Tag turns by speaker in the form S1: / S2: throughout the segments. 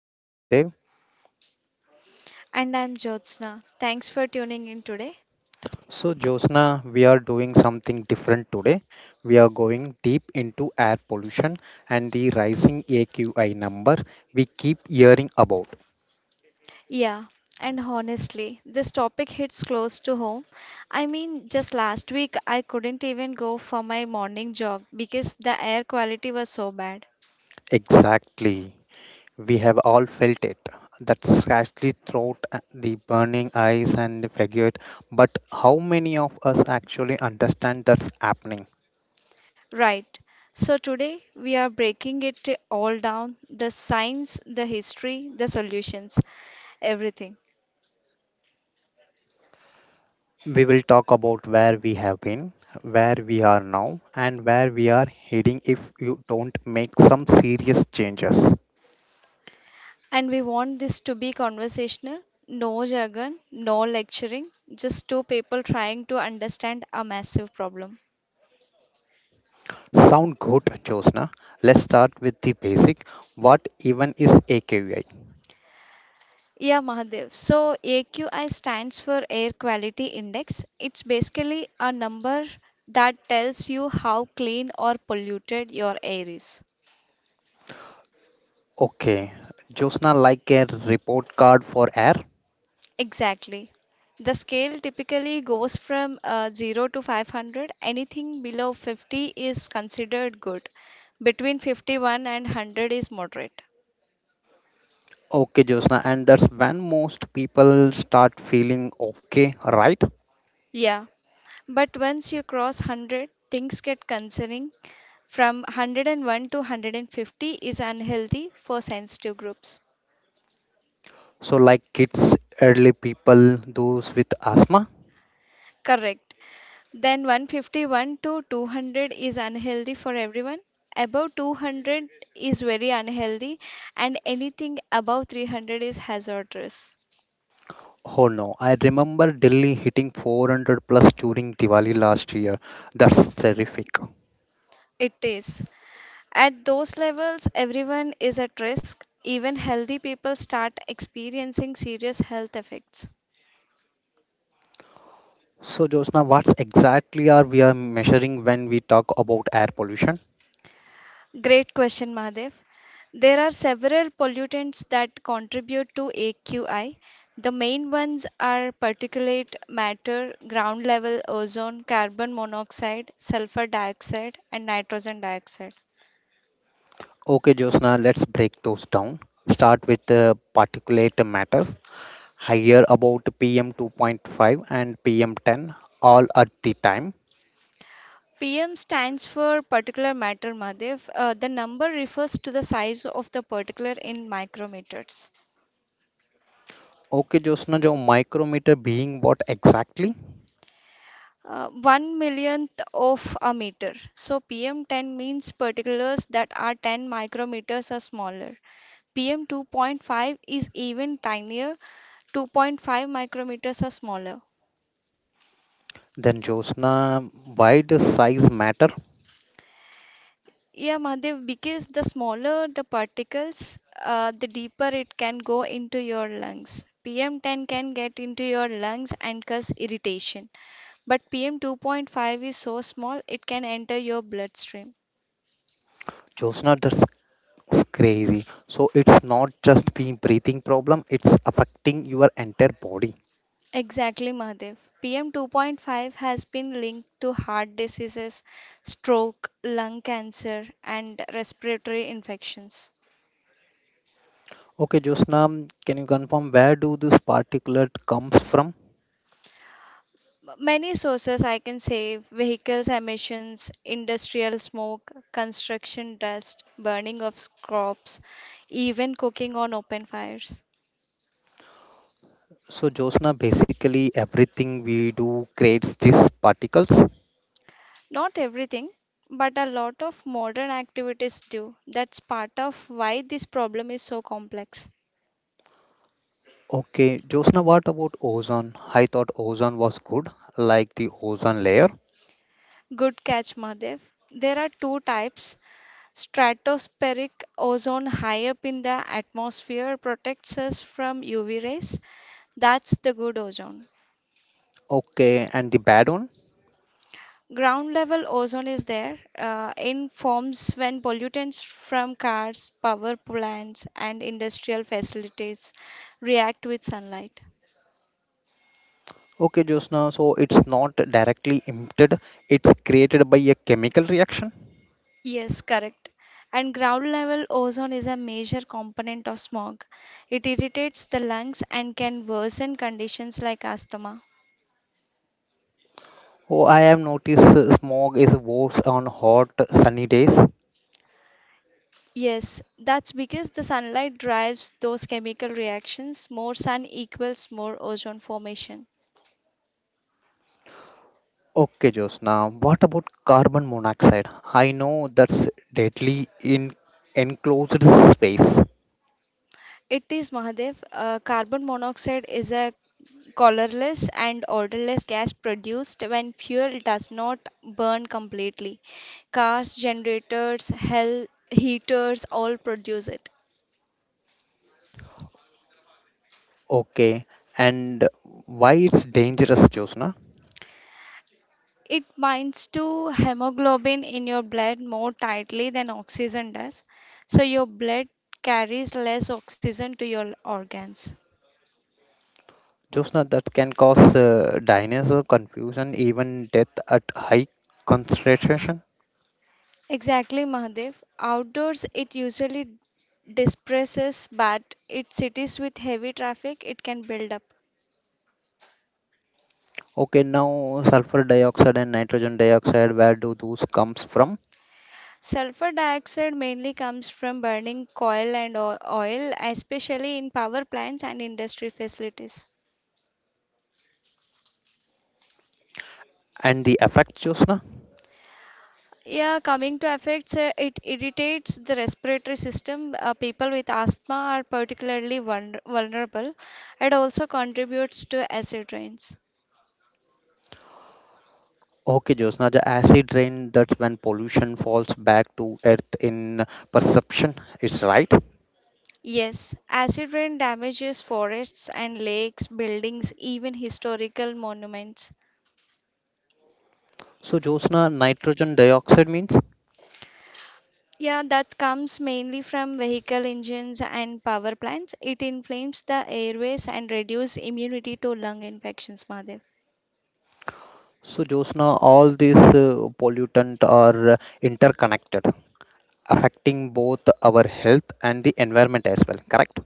S1: I am Mahadev.
S2: And I'm Jyotsna. Thanks for tuning in today.
S1: So, Josna, we are doing something different today. We are going deep into air pollution and the rising AQI number we keep hearing about.
S2: Yeah, and honestly, this topic hits close to home. I mean, just last week I couldn't even go for my morning jog because the air quality was so bad.
S1: Exactly. We have all felt it. That scratchy throat, the burning eyes, and the fatigue. But how many of us actually understand that's happening?
S2: Right. So today we are breaking it all down, the science, the history, the solutions, everything.
S1: We will talk about where we have been, where we are now, and where we are heading if you don't make some serious changes.
S2: And we want this to be conversational, no jargon, no lecturing, just two people trying to understand a massive problem.
S1: Sound good, Josna? Let's start with the basic. What even is AKUI?
S2: Yeah, Mahadev. So AQI stands for Air Quality Index. It's basically a number that tells you how clean or polluted your air is.
S1: Okay, Josna, like a report card for air?
S2: Exactly. The scale typically goes from 0 to 500. Anything below 50 is considered good. Between 51 and 100 is moderate.
S1: Okay, Josna, and that's when most people start feeling okay, right?
S2: Yeah, but once you cross 100, things get concerning. From 101 to 150 is unhealthy for sensitive groups.
S1: So, like kids, elderly people, those with asthma?
S2: Correct. Then 151 to 200 is unhealthy for everyone. Above 200 is very unhealthy, and anything above 300 is hazardous.
S1: Oh no, I remember Delhi hitting 400 plus during Diwali last year. That's terrific.
S2: It is. At those levels, everyone is at risk. Even healthy people start experiencing serious health effects.
S1: So, Josna, what's exactly are we are measuring when we talk about air pollution?
S2: Great question, Mahadev. There are several pollutants that contribute to AQI. The main ones are particulate matter, ground level ozone, carbon monoxide, sulfur dioxide, and nitrogen dioxide.
S1: Okay, Josna, let's break those down. Start with the particulate matters. I hear about PM 2.5 and PM 10 all at the time.
S2: PM stands for particular matter, Mahadev. The number refers to the size of the particular in micrometers.
S1: Okay, Josna, जो micrometer being what exactly?
S2: One millionth of a meter. So PM10 means particulars that are 10 micrometers or smaller. PM2.5 is even tinier, 2.5 micrometers are smaller.
S1: Then Josna, why does size matter?
S2: Yeah, Mahadev, because the smaller the particles, the deeper it can go into your lungs. PM10 can get into your lungs and cause irritation, but PM2.5 is so small it can enter your bloodstream.
S1: Josna, the it's crazy. So it's not just being breathing problem, it's affecting your entire body.
S2: Exactly, Mahadev. PM2.5 has been linked to heart diseases, stroke, lung cancer, and respiratory infections.
S1: Okay, Josna, can you confirm where do this particulate comes from?
S2: Many sources I can say vehicles emissions, industrial smoke, construction dust, burning of crops, even cooking on open fires.
S1: So Josna, basically everything we do creates these particles.
S2: Not everything, but a lot of modern activities do. That's part of why this problem is so complex.
S1: Okay, Josna, what about ozone? I thought ozone was good, like the ozone layer.
S2: Good catch, Mahadev. There are two types. Stratospheric ozone high up in the atmosphere protects us from UV rays. That's the good ozone.
S1: Okay, and the bad one?
S2: Ground level ozone is there in forms when pollutants from cars, power plants, and industrial facilities react with sunlight.
S1: Okay, Josna, so it's not directly emitted, it's created by a chemical reaction.
S2: Yes, correct. And ground level ozone is a major component of smog. It irritates the lungs and can worsen conditions like asthma.
S1: Oh, I have noticed smog is worse on hot, sunny days.
S2: Yes, that's because the sunlight drives those chemical reactions. More sun equals more ozone formation.
S1: Okay, Josna, what about carbon monoxide? I know that's deadly in enclosed space.
S2: It is Mahadev. Carbon monoxide is a colorless and odorless gas produced when fuel does not burn completely. Cars, generators, heaters all produce it.
S1: Okay, and why it's dangerous, Josna?
S2: It binds to hemoglobin in your blood more tightly than oxygen does, so your blood carries less oxygen to your organs.
S1: Josna, that can cause dinosaur confusion, even death at high concentration.
S2: Exactly, Mahadev. Outdoors, it usually disperses, but in cities with heavy traffic, it can build up.
S1: Okay, now sulfur dioxide and nitrogen dioxide, where do those comes from?
S2: Sulfur dioxide mainly comes from burning coal and oil, especially in power plants and industry facilities.
S1: And the effects, Josna?
S2: Yeah, coming to effects, it irritates the respiratory system. People with asthma are particularly vulnerable. It also contributes to acid rains.
S1: Okay, Josna, the acid rain, that's when pollution falls back to earth in perception. It's right.
S2: Yes, acid rain damages forests and lakes, buildings, even historical monuments.
S1: So, Josna, nitrogen dioxide means?
S2: Yeah, that comes mainly from vehicle engines and power plants. It inflames the airways and reduces immunity to lung infections, Madhav.
S1: So, Josna, all these pollutant are interconnected, affecting both our health and the environment as well, correct?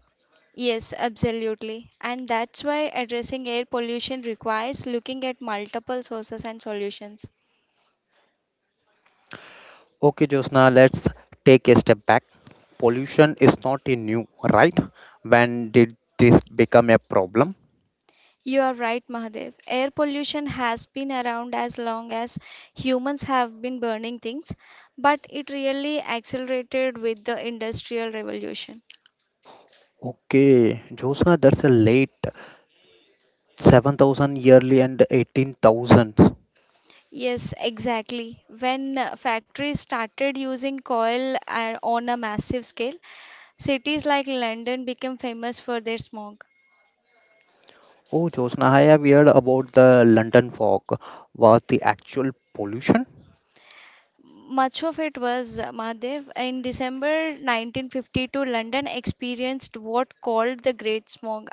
S2: Yes, absolutely. And that's why addressing air pollution requires looking at multiple sources and solutions.
S1: Okay, Josna, let's take a step back. Pollution is not a new, right? When did this become a problem?
S2: You are right, Mahadev. Air pollution has been around as long as humans have been burning things, but it really accelerated with the Industrial Revolution.
S1: Okay, Josna, that's a late 7,000 yearly and 18,000.
S2: Yes, exactly. When factories started using coal on a massive scale, cities like London became famous for their smog.
S1: Oh, Josna, I have heard about the London fog. Was the actual pollution?
S2: Much of it was Mahadev. In December 1952, London experienced what called the Great Smog.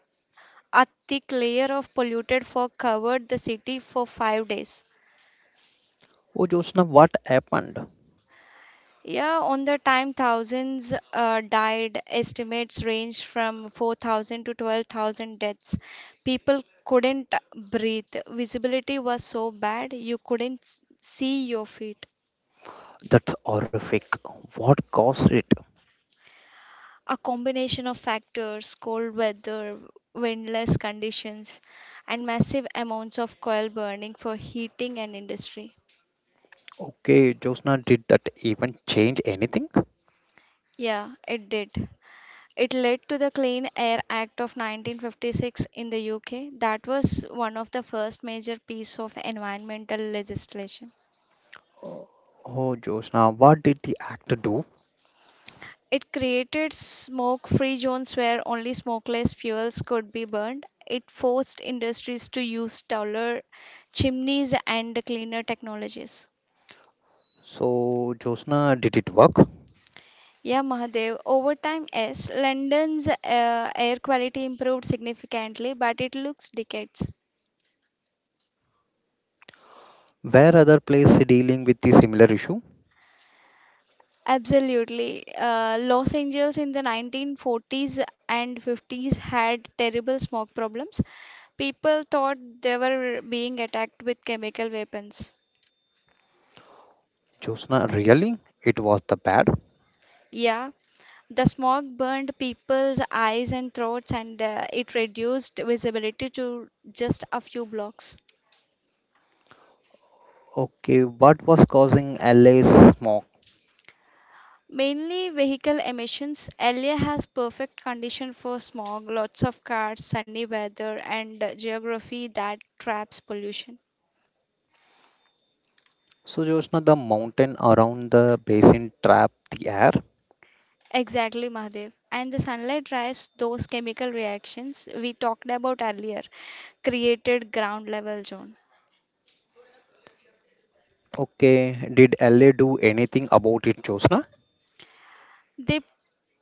S2: A thick layer of polluted fog covered the city for 5 days.
S1: Oh, Josna, what happened?
S2: Yeah, on the time thousands died. Estimates range from 4,000 to 12,000 deaths. People couldn't breathe. Visibility was so bad you couldn't see your feet.
S1: That's horrific. What caused it?
S2: A combination of factors, cold weather, windless conditions, and massive amounts of coal burning for heating and industry.
S1: Okay, Josna, did that even change anything?
S2: Yeah, it did. It led to the Clean Air Act of 1956 in the UK that was one of the first major piece of environmental legislation.
S1: Oh, oh, Josna, what did the actor do?
S2: It created smoke-free zones where only smokeless fuels could be burned. It forced industries to use taller chimneys and cleaner technologies.
S1: So, Josna, did it work?
S2: Yeah, Mahadev. Over time, yes, London's air quality improved significantly, but it looks decades.
S1: Where other place dealing with the similar issue?
S2: Absolutely. Los Angeles in the 1940s and 50s had terrible smoke problems. People thought they were being attacked with chemical weapons.
S1: Josna, really? It was the bad?
S2: Yeah, the smoke burned people's eyes and throats, and it reduced visibility to just a few blocks.
S1: Okay, what was causing LA's smog?
S2: Mainly vehicle emissions. LA has perfect condition for smog, lots of cars, sunny weather, and geography that traps pollution.
S1: So, Jyotsna, the mountain around the basin trapped the air.
S2: Exactly, Mahadev. And the sunlight drives those chemical reactions we talked about earlier, created ground level zone.
S1: Okay, did LA do anything about it, Jyotsna?
S2: They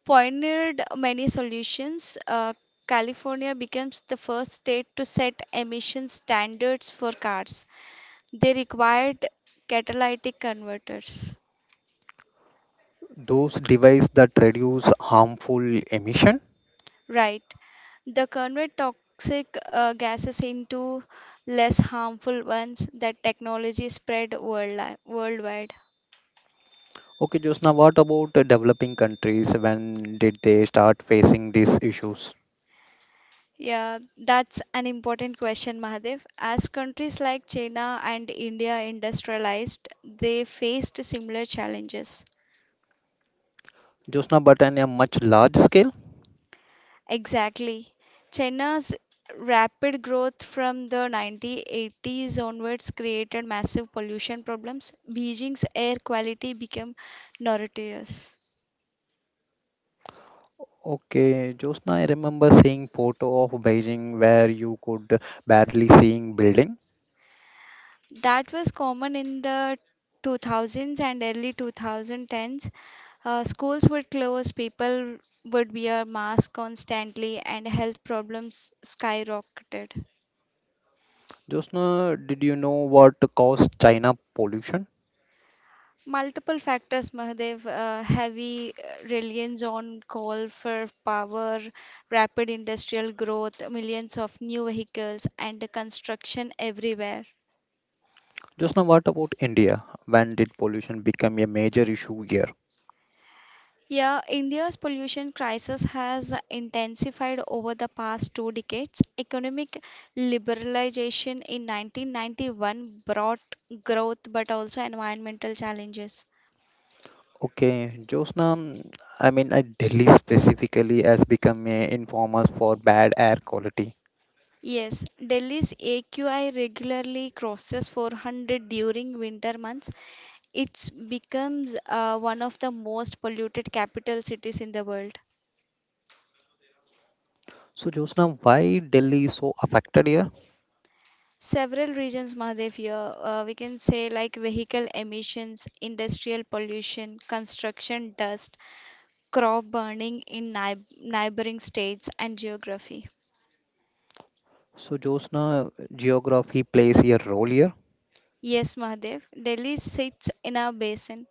S2: pioneered many solutions. California becomes the first state to set emission standards for cars. They required catalytic converters.
S1: Those devices that reduce harmful emission?
S2: Right. The convert toxic gases into less harmful ones that technology spread worldwide.
S1: Okay, Jyotsna, what about the developing countries? When did they start facing these issues?
S2: Yeah, that's an important question, Mahadev. As countries like China and India industrialized, they faced similar challenges.
S1: Jyotsna, but on a much large scale?
S2: Exactly. China's rapid growth from the 1980s onwards created massive pollution problems. Beijing's air quality became notorious.
S1: Okay, Jyotsna, I remember seeing photo of Beijing where you could barely seeing building.
S2: That was common in the 2000s and early 2010s. Schools would close, people would wear masks constantly, and health problems skyrocketed.
S1: Jyotsna, did you know what caused China pollution?
S2: Multiple factors, Mahadev, heavy reliance on coal for power, rapid industrial growth, millions of new vehicles, and construction everywhere.
S1: Josna, what about India? When did pollution become a major issue here?
S2: Yeah, India's pollution crisis has intensified over the past two decades. Economic liberalization in 1991 brought growth but also environmental challenges.
S1: Okay, Josna, Delhi specifically has become a infamous for bad air quality.
S2: Yes, Delhi's AQI regularly crosses 400 during winter months. It becomes one of the most polluted capital cities in the world.
S1: So, Josna, why Delhi is so affected here?
S2: Several reasons, Mahadev, here. We can say like vehicle emissions, industrial pollution, construction dust, crop burning in neighboring states, and geography.
S1: So, Josna, geography plays a role here.
S2: Yes, Mahadev, Delhi sits in a basin,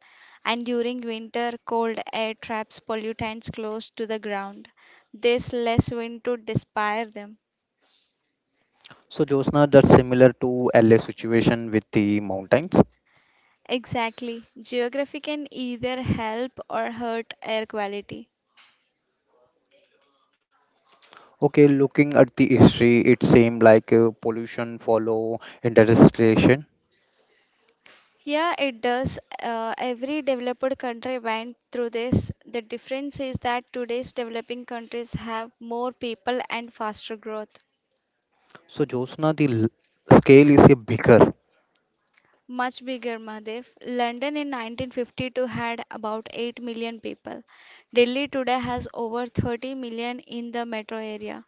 S2: and during winter, cold air traps pollutants close to the ground. There's less wind to dispire them.
S1: So, Josna, that's similar to LA situation with the mountains.
S2: Exactly. Geography can either help or hurt air quality.
S1: Okay, looking at the history, it seemed like pollution follow industrialization.
S2: Yeah, it does. Every developed country went through this. The difference is that today's developing countries have more people and faster growth.
S1: So, Josna, the scale is a bigger.
S2: Much bigger, Mahadev. London in 1952 had about 8 million people. Delhi today has over 30 million in the metro area.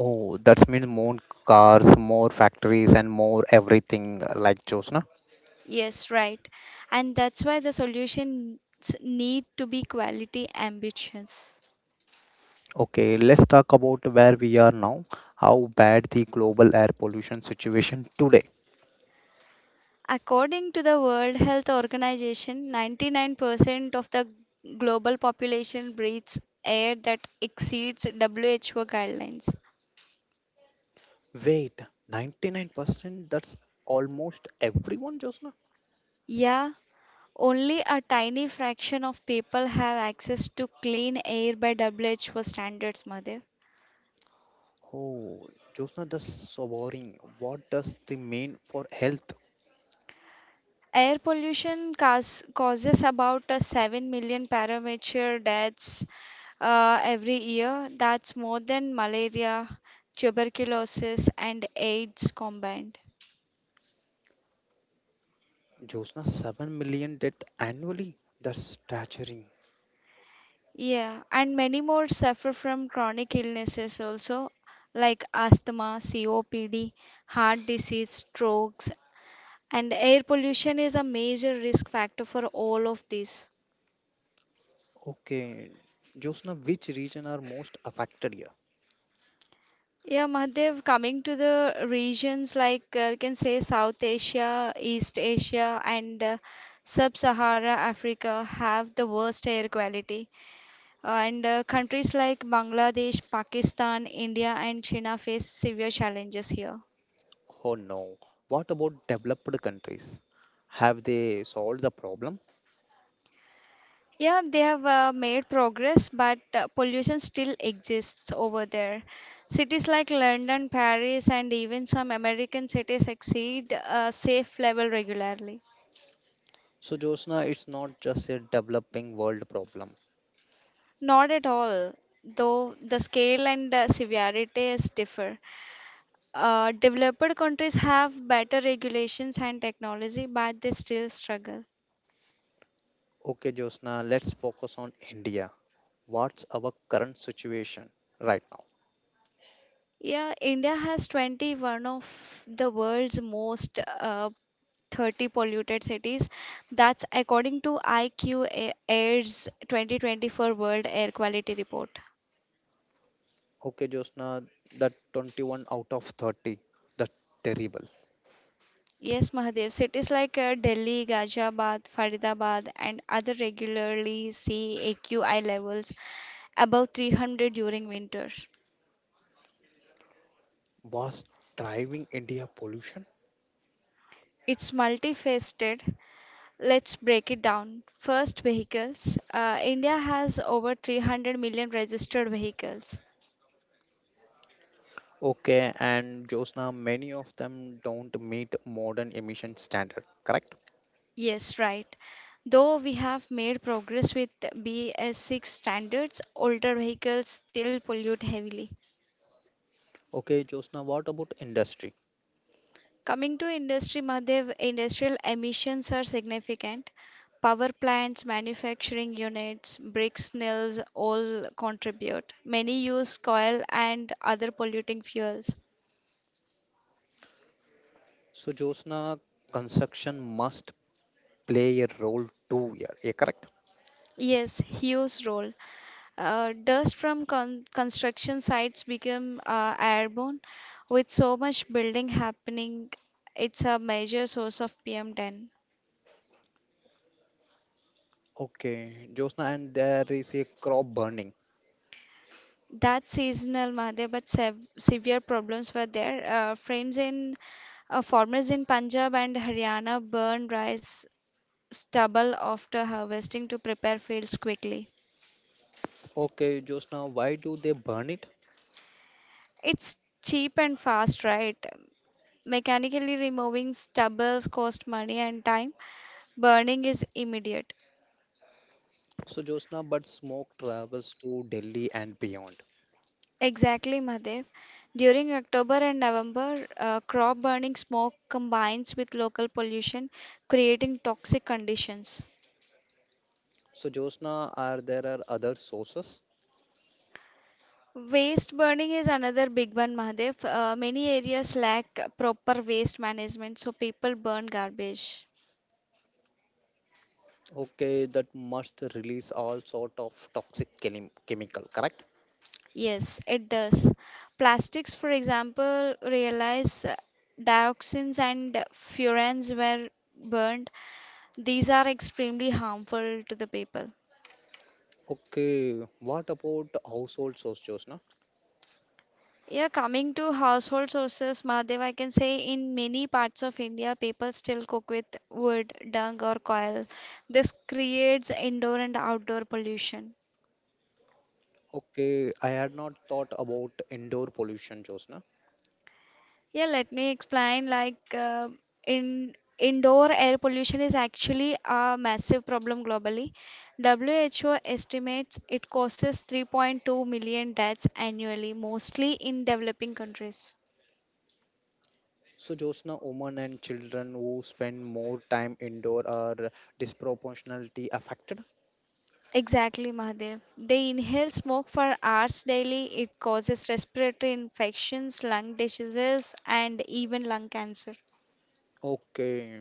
S1: Oh, that means more cars, more factories, and more everything like Josna.
S2: Yes, right. And that's why the solutions need to be quality ambitions.
S1: Okay, let's talk about where we are now. How bad the global air pollution situation today.
S2: According to the World Health Organization, 99% of the global population breathes air that exceeds WHO guidelines.
S1: Wait, 99%? That's almost everyone, Josna?
S2: Yeah, only a tiny fraction of people have access to clean air by WHO standards, Mother.
S1: Oh, Josna, that's so boring. What does the mean for health?
S2: Air pollution causes about 7 million parameter deaths every year. That's more than malaria, tuberculosis, and AIDS combined.
S1: Josna, 7 million deaths annually. That's staggering.
S2: Yeah, and many more suffer from chronic illnesses also, like asthma, COPD, heart disease, strokes, and air pollution is a major risk factor for all of these.
S1: Okay, Josna, which region are most affected?
S2: Yeah, Mahadev, coming to the regions like we can say South Asia, East Asia, and Sub-Sahara Africa have the worst air quality. And countries like Bangladesh, Pakistan, India, and China face severe challenges here.
S1: Oh no. What about developed countries? Have they solved the problem?
S2: Yeah, they have made progress, but pollution still exists over there. Cities like London, Paris, and even some American cities exceed safe level regularly.
S1: So, Josna, it's not just a developing world problem.
S2: Not at all, though the scale and severity is differ. Developed countries have better regulations and technology, but they still struggle.
S1: Okay, Josna, let's focus on India. What's our current situation right now?
S2: Yeah, India has 21 of the world's most 30 polluted cities. That's according to IQ Air's 2024 World Air Quality Report.
S1: Okay, Josna, the 21 out of 30, the terrible,
S2: Yes, Mahadev, cities like Delhi, Ghaziabad, Faridabad, and other regularly see AQI levels above 300 during winter.
S1: was driving India pollution.
S2: It's multifaceted. Let's break it down. First, vehicles. India has over 300 million registered vehicles.
S1: Okay, and Josna, many of them don't meet modern emission standard, correct?
S2: Yes, right. Though we have made progress with BS6 standards, older vehicles still pollute heavily.
S1: Okay, Josna, what about industry?
S2: Coming to industry, Madhav, industrial emissions are significant. Power plants, manufacturing units, bricks mills all contribute. Many use coal and other polluting fuels.
S1: So, Josna, construction must play a role too here. Yeah, correct?
S2: Yes, huge role. Dust from construction sites become airborne. With so much building happening, it's a major source of PM10.
S1: Okay, Josna, and there is a crop burning.
S2: That's seasonal, Mahadev, but severe problems were there. Frames in farmers in Punjab and Haryana burn rice stubble after harvesting to prepare fields quickly.
S1: Okay, Josna, why do they burn it?
S2: It's cheap and fast, right? Mechanically removing stubbles cost money and time. Burning is immediate.
S1: So, Josna, but smoke travels to Delhi and beyond.
S2: Exactly, Mahadev. During October and November, crop burning smoke combines with local pollution, creating toxic conditions.
S1: So, Josna, are there are other sources?
S2: Waste burning is another big one, Mahadev. Many areas lack proper waste management, so people burn garbage.
S1: Okay, that must release all sort of toxic chemical, correct?
S2: Yes, it does. Plastics, for example, realize dioxins and furans were burned. These are extremely harmful to the people.
S1: Okay, what about household source, Josna?
S2: Yeah, coming to household sources, Mahadev, I can say in many parts of India, people still cook with wood, dung, or coal. This creates indoor and outdoor pollution.
S1: Okay, I had not thought about indoor pollution, Josna.
S2: Yeah, let me explain. Like, in indoor air pollution is actually a massive problem globally. WHO estimates it causes 3.2 million deaths annually, mostly in developing countries.
S1: So, Josna, women and children who spend more time indoor are disproportionately affected.
S2: Exactly, Mahadev. They inhale smoke for hours daily. It causes respiratory infections, lung diseases, and even lung cancer.
S1: Okay,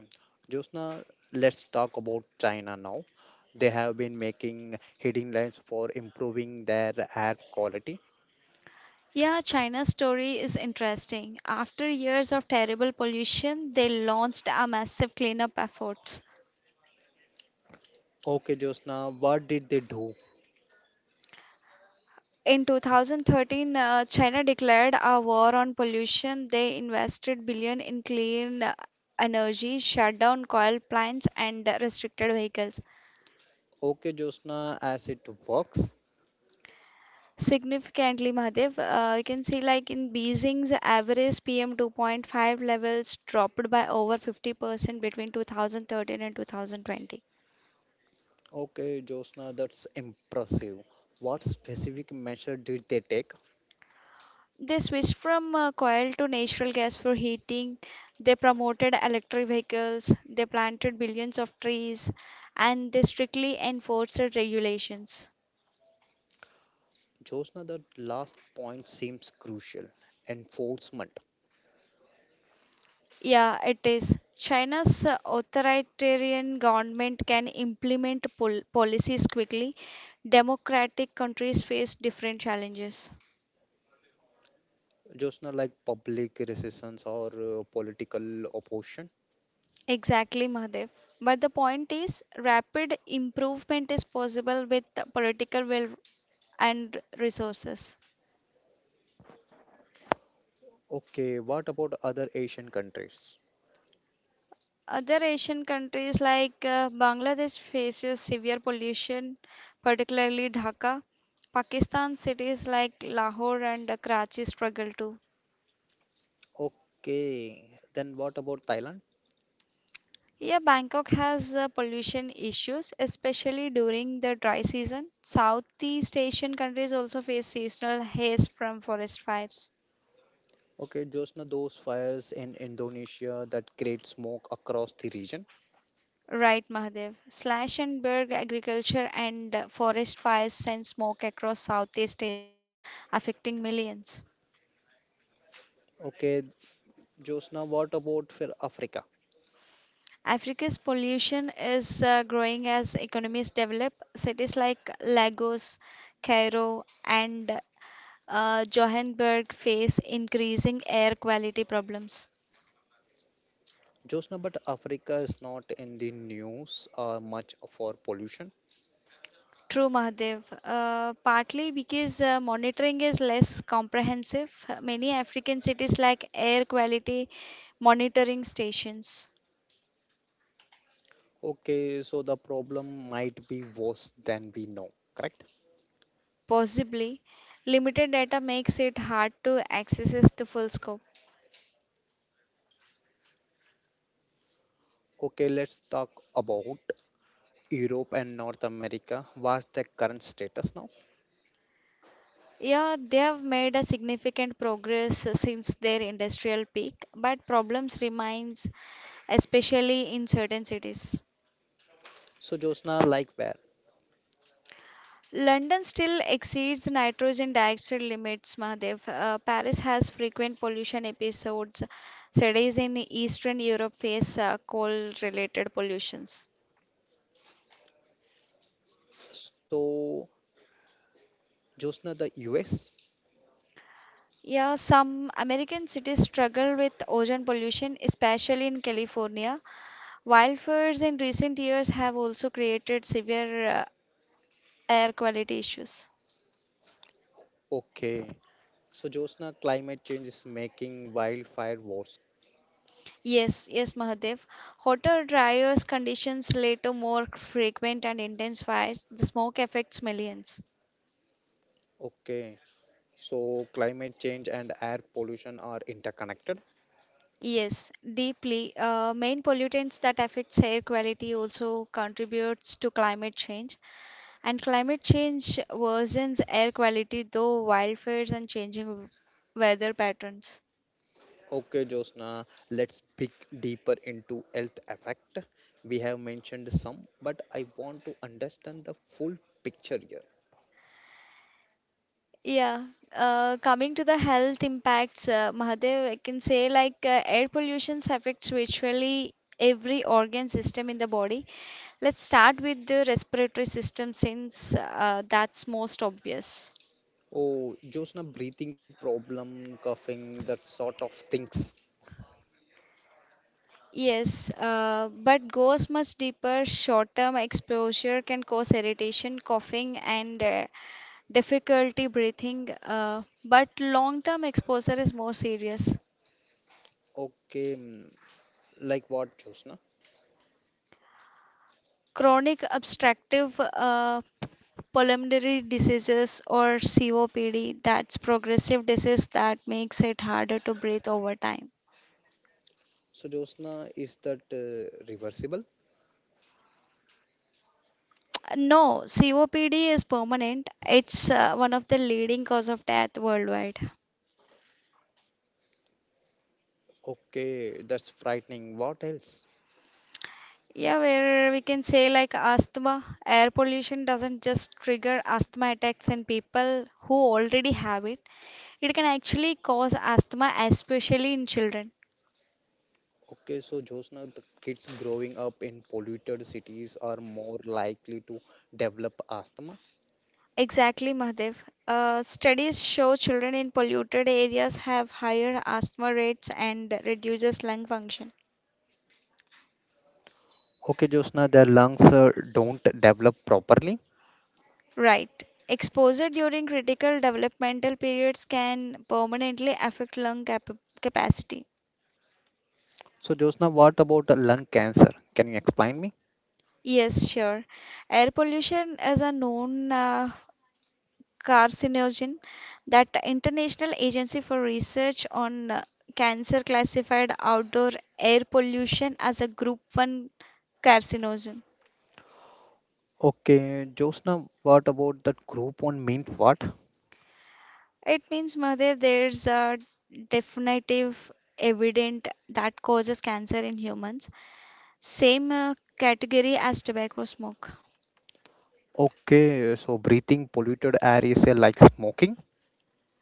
S1: Josna, let's talk about China now. They have been making heading lines for improving their air quality.
S2: Yeah, China's story is interesting. After years of terrible pollution, they launched a massive cleanup efforts.
S1: Okay, Josna, what did they do?
S2: In 2013, China declared a war on pollution. They invested billion in clean energy, shut down coal plants, and restricted vehicles.
S1: Okay, Josna, as it works.
S2: Significantly, Mahadev, you can see like in Beijing's average PM 2.5 levels dropped by over 50% between 2013 and 2020.
S1: Okay, Josna, that's impressive. What specific measure did they take?
S2: They switched from coal to natural gas for heating. They promoted electric vehicles. They planted billions of trees, and they strictly enforced regulations.
S1: Josna, that last point seems crucial. Enforcement.
S2: Yeah, it is. China's authoritarian government can implement policies quickly. Democratic countries face different challenges.
S1: Just not like public resistance or political opposition.
S2: Exactly, Mahadev. But the point is, rapid improvement is possible with the political will and resources.
S1: Okay, what about other Asian countries?
S2: Other Asian countries like Bangladesh faces severe pollution, particularly Dhaka. Pakistan cities like Lahore and Karachi struggle too.
S1: Okay, then what about Thailand?
S2: Yeah, Bangkok has pollution issues, especially during the dry season. Southeast Asian countries also face seasonal haze from forest fires.
S1: Okay, just now those fires in Indonesia that create smoke across the region.
S2: Right, Mahadev. Slash and burn agriculture and forest fires send smoke across Southeast Asia, affecting millions.
S1: Okay, just now what about for Africa?
S2: Africa's pollution is growing as economies develop. Cities like Lagos, Cairo, and Johannesburg face increasing air quality problems.
S1: Just now, but Africa is not in the news much for pollution.
S2: True, Mahadev. Partly because monitoring is less comprehensive. Many African cities lack air quality monitoring stations.
S1: Okay, so the problem might be worse than we know, correct?
S2: Possibly, limited data makes it hard to access the full scope.
S1: Okay, let's talk about Europe and North America. What's the current status now?
S2: Yeah, they have made a significant progress since their industrial peak, but problems remains, especially in certain cities.
S1: So Josna, like where?
S2: London still exceeds nitrogen dioxide limits, Mahadev. Paris has frequent pollution episodes. Cities in Eastern Europe face coal-related pollutions.
S1: So Josna, the US.
S2: Yeah, some American cities struggle with ozone pollution, especially in California. Wildfires in recent years have also created severe air quality issues.
S1: Okay. So Josna, climate change is making wildfire worse.
S2: Yes, yes, Mahadev. Hotter, drier conditions lead to more frequent and intense fires. The smoke affects millions.
S1: Okay. So climate change and air pollution are interconnected.
S2: Yes, deeply. Main pollutants that affects air quality also contributes to climate change, and climate change worsens air quality though wildfires and changing weather patterns.
S1: Okay, Josna, let's dig deeper into health effect. We have mentioned some, but I want to understand the full picture here.
S2: Yeah, coming to the health impacts, Mahadev, I can say like air pollution affects virtually every organ system in the body. Let's start with the respiratory system since that's most obvious.
S1: Oh, Josna, breathing problem, coughing, that sort of things.
S2: Yes, but goes much deeper. Short-term exposure can cause irritation, coughing, and difficulty breathing, but long-term exposure is more serious.
S1: Okay, like what, Josna?
S2: Chronic obstructive pulmonary diseases or COPD, that's progressive disease that makes it harder to breathe over time.
S1: So, Josna, is that reversible?
S2: No, COPD is permanent. It's one of the leading cause of death worldwide.
S1: Okay, that's frightening. What else?
S2: Yeah, where we can say like asthma, air pollution doesn't just trigger asthma attacks in people who already have it. It can actually cause asthma, especially in children.
S1: Okay, so Josna, the kids growing up in polluted cities are more likely to develop asthma.
S2: Exactly, Mahadev. Studies show children in polluted areas have higher asthma rates and reduces lung function.
S1: Okay, Josna, their lungs don't develop properly.
S2: Right. Exposure during critical developmental periods can permanently affect lung cap capacity.
S1: So, Josna, what about lung cancer? Can you explain me?
S2: Yes, sure. Air pollution is a known carcinogen that International Agency for Research on Cancer classified outdoor air pollution as a group 1 carcinogen.
S1: Okay, Josna, what about that group on mint? What?
S2: It means, Mother, there's a definitive evident that causes cancer in humans, same category as tobacco smoke.
S1: Okay, so breathing polluted air is like smoking.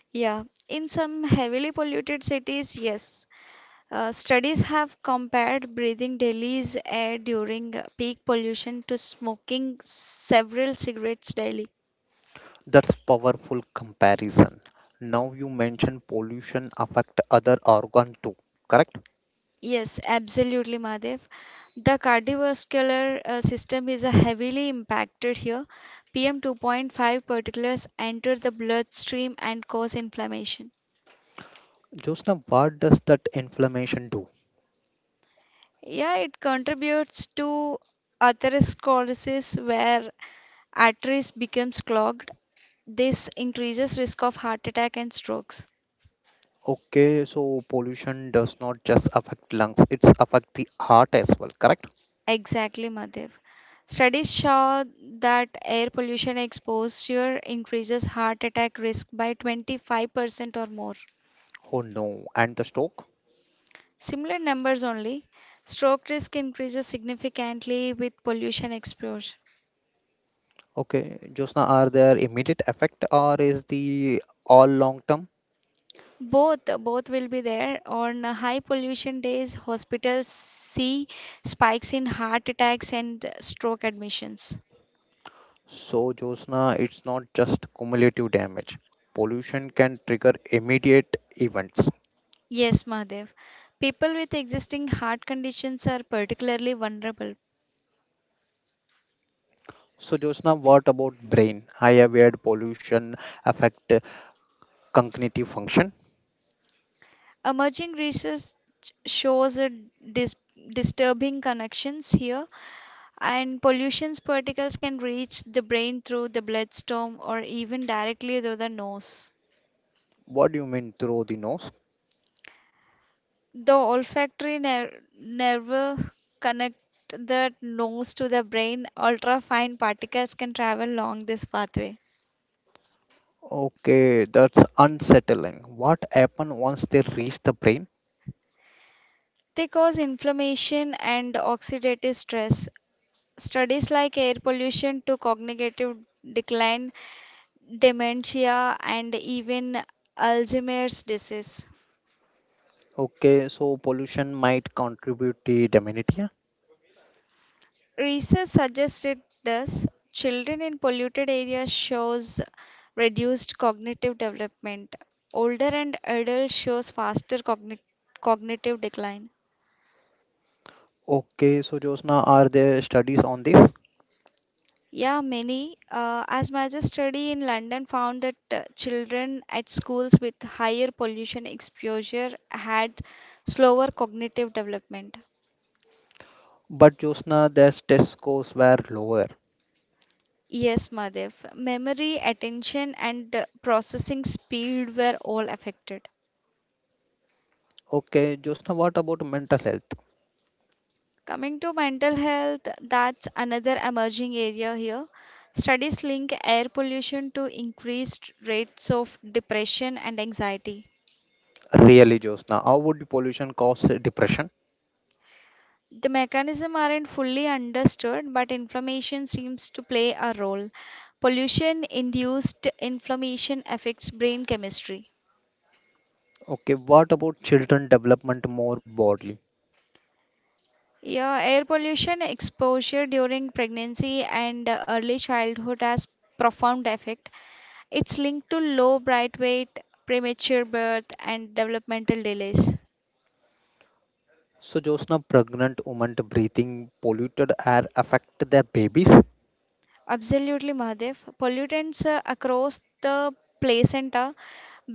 S2: Yeah, in some heavily polluted cities, yes. Studies have compared breathing Delhi's air during peak pollution to smoking several cigarettes daily.
S1: That's powerful comparison. Now you mentioned pollution affect other organ too, correct?
S2: Yes, absolutely, Mahadev. The cardiovascular system is heavily impacted here. PM 2.5 particulates enter the bloodstream and cause inflammation.
S1: Josna, what does that inflammation do?
S2: Yeah, it contributes to atherosclerosis where arteries becomes clogged. This increases risk of heart attack and strokes.
S1: Okay, so pollution does not just affect lungs, it's affect the heart as well, correct?
S2: Exactly, Madhav. Studies show that air pollution exposure increases heart attack risk by 25% or more.
S1: Oh no, and the stroke?
S2: Similar numbers only, stroke risk increases significantly with pollution exposure.
S1: Okay, Josna, are there immediate effect or is the all long term?
S2: Both both will be there. On high pollution days, hospitals see spikes in heart attacks and stroke admissions.
S1: So Josna, it's not just cumulative damage. Pollution can trigger immediate events.
S2: Yes, Mahadev. People with existing heart conditions are particularly vulnerable.
S1: So, Josna, what about brain? I have heard pollution affect cognitive function.
S2: Emerging research shows a dis- disturbing connections here, and pollution particles can reach the brain through the bloodstream or even directly through the nose.
S1: What do you mean through the nose?
S2: The olfactory nerve connect the nose to the brain. Ultrafine particles can travel along this pathway.
S1: Okay, that's unsettling. What happen once they reach the brain?
S2: They cause inflammation and oxidative stress. Studies like air pollution to cognitive decline dementia, and even Alzheimer's disease.
S1: Okay, so pollution might contribute to dementia.
S2: Research suggests it does. Children in polluted areas shows reduced cognitive development. Older and adult shows faster cognitive decline.
S1: Okay, so Josna, are there studies on this?
S2: Yeah, many. As my study in London found that children at schools with higher pollution exposure had slower cognitive development.
S1: But Josna, their test scores were lower.
S2: Yes, Madhav. Memory, attention, and processing speed were all affected.
S1: Okay, Josna, what about mental health?
S2: Coming to mental health, that's another emerging area here. Studies link air pollution to increased rates of depression and anxiety.
S1: Really, Josna, how would pollution cause depression?
S2: The mechanism aren't fully understood, but inflammation seems to play a role. Pollution induced inflammation affects brain chemistry.
S1: Okay, what about children development more broadly?
S2: Yeah, air pollution exposure during pregnancy and early childhood has profound effect. It's linked to low bright weight, premature birth, and developmental delays.
S1: So, Josna, pregnant women breathing polluted air affect their babies?
S2: Absolutely, Mahadev. Pollutants across the placenta,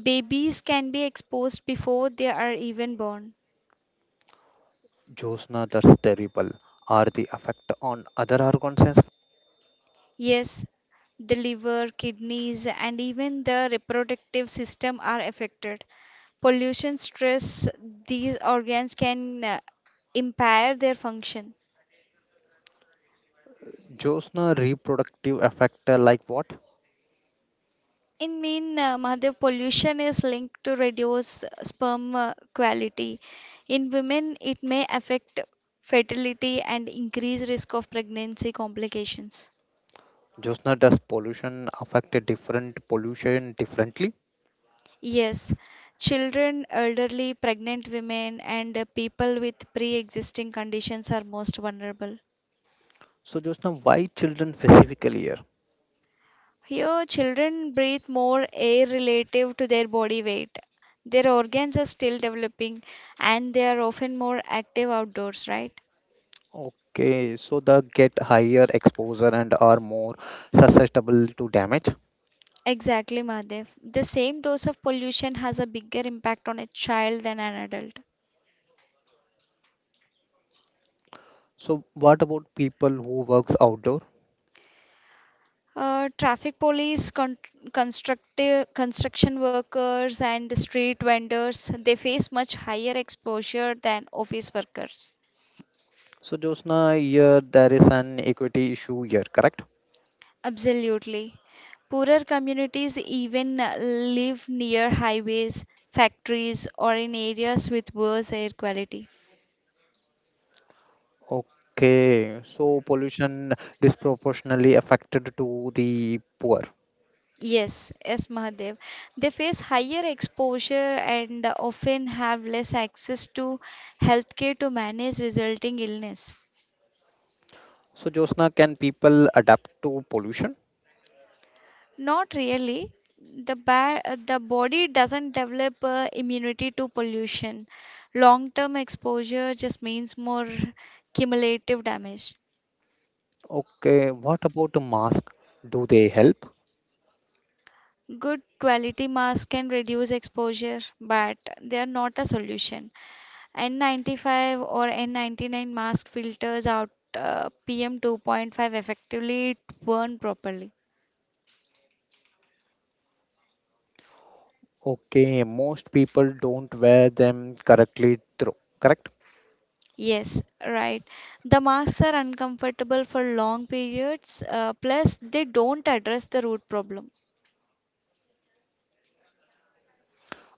S2: babies can be exposed before they are even born.
S1: Josna, that's terrible. Are the effect on other organs well?
S2: Yes, the liver, kidneys, and even the reproductive system are affected. Pollution, stress, these organs can impair their function.
S1: Josna, reproductive effect like what?
S2: In mean, Mahadev, pollution is linked to reduced sperm quality. In women, it may affect fertility and increase risk of pregnancy complications.
S1: Josna, does pollution affect a different pollution differently?
S2: Yes, children, elderly, pregnant women, and people with pre-existing conditions are most vulnerable.
S1: So, Josna, why children specifically here?
S2: Here, children breathe more air relative to their body weight. Their organs are still developing and they are often more active outdoors, right?
S1: Okay, so they get higher exposure and are more susceptible to damage.
S2: Exactly, Mahadev. The same dose of pollution has a bigger impact on a child than an adult.
S1: So, what about people who works outdoors?
S2: Traffic police, construction workers, and street vendors, they face much higher exposure than office workers.
S1: So Josna, here there is an equity issue here, correct?
S2: Absolutely. Poorer communities even live near highways, factories, or in areas with worse air quality.
S1: Okay, so pollution disproportionately affected to the poor.
S2: Yes, yes, Mahadev. They face higher exposure and often have less access to healthcare to manage resulting illness.
S1: So Josna, can people adapt to pollution?
S2: Not really. The body doesn't develop immunity to pollution. Long-term exposure just means more cumulative damage.
S1: Okay, what about the mask? Do they help?
S2: Good quality masks can reduce exposure, but they are not a solution. N95 or N99 mask filters out PM2.5 effectively it burn properly.
S1: Okay, most people don't wear them correctly through, correct?
S2: Yes, right. The marks are uncomfortable for long periods, plus, they don't address the root problem.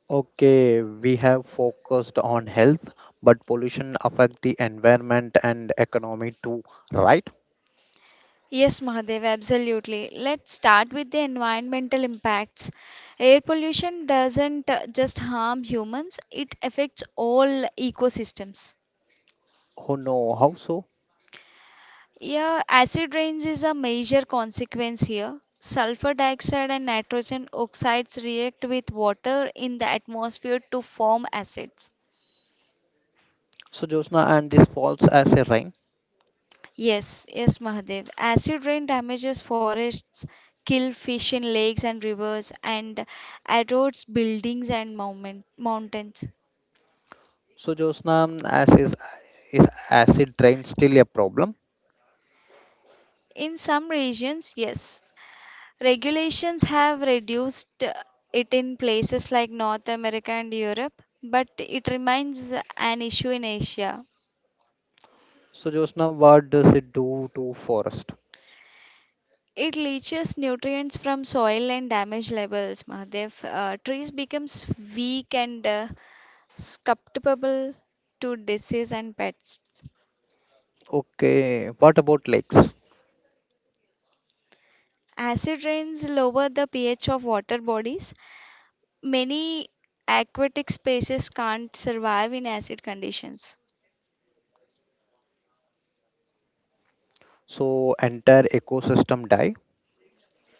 S1: Okay, we have focused on health, but pollution affect the environment and economy too, right?
S2: Yes, Mahadev, absolutely. Let's start with the environmental impacts. Air pollution doesn't just harm humans, it affects all ecosystems.
S1: Oh no, how so?
S2: Yeah, acid rains is a major consequence here. Sulfur dioxide and nitrogen oxides react with water in the atmosphere to form acids.
S1: So Josna and this falls as a rain.
S2: Yes, yes, Mahadev. Acid rain damages forests, kill fish in lakes and rivers, and erodes buildings and mountains.
S1: So Josna, is acid rain still a problem?
S2: In some regions, yes, regulations have reduced it in places like North America and Europe, but it remains an issue in Asia.
S1: So Josna, what does it do to forest?
S2: It leaches nutrients from soil and damage levels, Mahadev. Trees becomes weak and susceptible to disease and pests.
S1: Okay, what about lakes?
S2: Acid rains lower the pH of water bodies. Many aquatic species can't survive in acid conditions.
S1: So entire ecosystem die.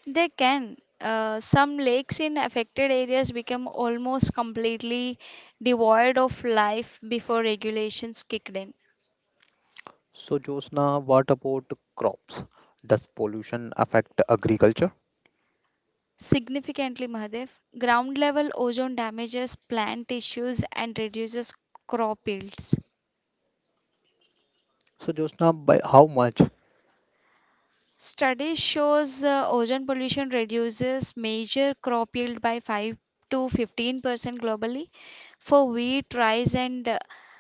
S2: They can. Some lakes in affected areas become almost completely devoid of life before regulations kicked in.
S1: So Josna, what about crops? Does pollution affect agriculture?
S2: Significantly, Mahadev, ground level ozone damages plant tissues and reduces crop yields.
S1: So Josna, by how much?
S2: Studies shows ozone pollution reduces major crop yield by 5 to 15% globally for wheat, rice and uh,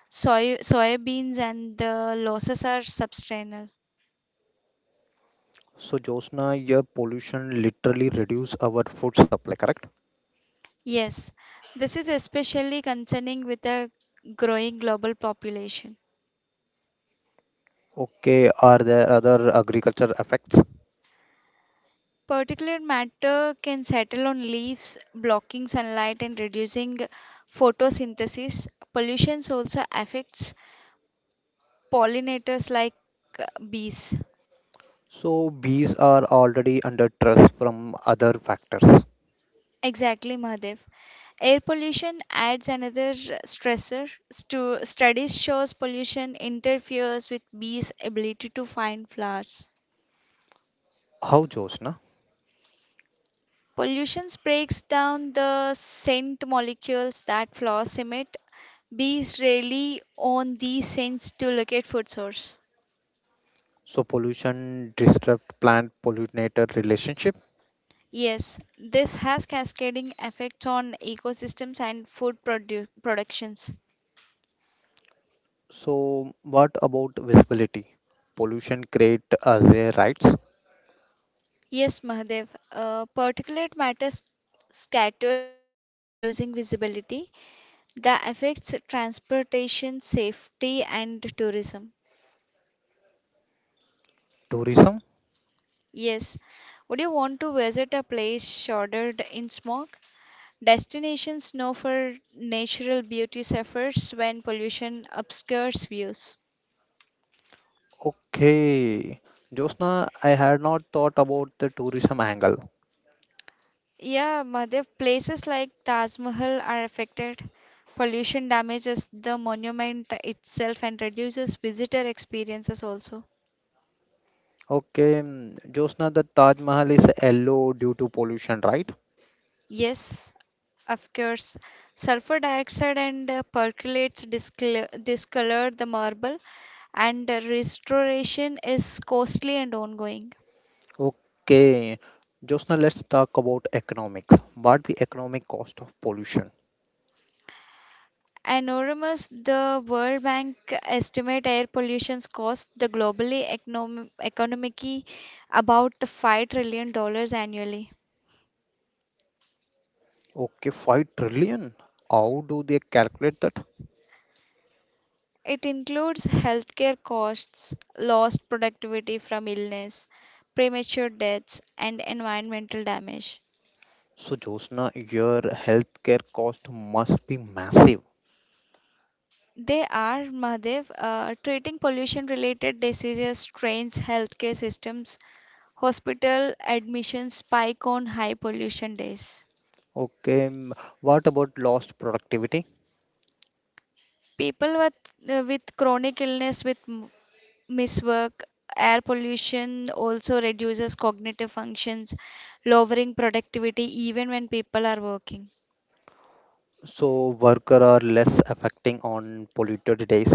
S2: soy soybeans and the losses are substantial.
S1: So Josna, your pollution literally reduce our food supply, correct?
S2: Yes, this is especially concerning with a growing global population.
S1: Okay, are there other agriculture effects?
S2: Particulate matter can settle on leaves, blocking sunlight and reducing photosynthesis. Pollution also affects pollinators like bees.
S1: So bees are already under stress from other factors.
S2: Exactly, Mahadev. Air pollution adds another stressor. Studies shows pollution interferes with bees' ability to find flowers.
S1: How, Josna?
S2: Pollution breaks down the scent molecules that flowers emit. Bees rely on these scents to locate food source.
S1: So pollution disrupt plant pollinator relationship.
S2: Yes, this has cascading effects on ecosystems and food productions.
S1: So what about visibility? Pollution create as a rights.
S2: Yes, Mahadev. Particulate matter scatters light, reducing visibility. That affects transportation, safety, and tourism.
S1: Tourism?
S2: Yes. Would you want to visit a place shrouded in smog? Destinations known for natural beauty suffers when pollution obscures views.
S1: Okay. Josna, I had not thought about the tourism angle.
S2: Yeah, Madhav, places like Taj Mahal are affected. Pollution damages the monument itself and reduces visitor experiences also.
S1: Okay, Josna, the Taj Mahal is yellow due to pollution, right?
S2: Yes, of course, sulfur dioxide and percolates discolor the marble, and restoration is costly and ongoing.
S1: Okay. Josna, let's talk about economics. What the economic cost of pollution?
S2: Anonymous, the World Bank estimate air pollution's cost the globally economy about $5 trillion dollars annually.
S1: Okay, 5 trillion. How do they calculate that?
S2: It includes healthcare costs, lost productivity from illness, premature deaths, and environmental damage.
S1: So, Josna, your healthcare cost must be massive.
S2: They are, Mahadev, treating pollution related diseases strains healthcare systems, hospital admissions spike on high pollution days.
S1: Okay, what about lost productivity?
S2: People with chronic illness, miswork, air pollution also reduces cognitive functions, lowering productivity even when people are working.
S1: So, worker are less affecting on polluted days.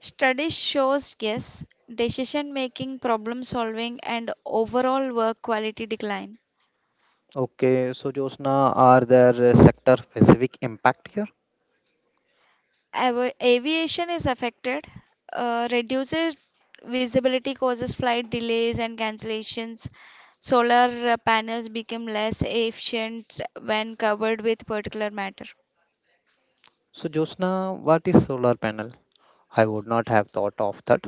S2: Studies shows yes, decision making, problem solving and overall work quality decline.
S1: Okay, so Josna, are there sector specific impact here?
S2: Av Aviation is affected. Reduces visibility causes flight delays and cancellations. Solar panels become less efficient when covered with particulate matter.
S1: So, Josna, what is solar panel? I would not have thought of that.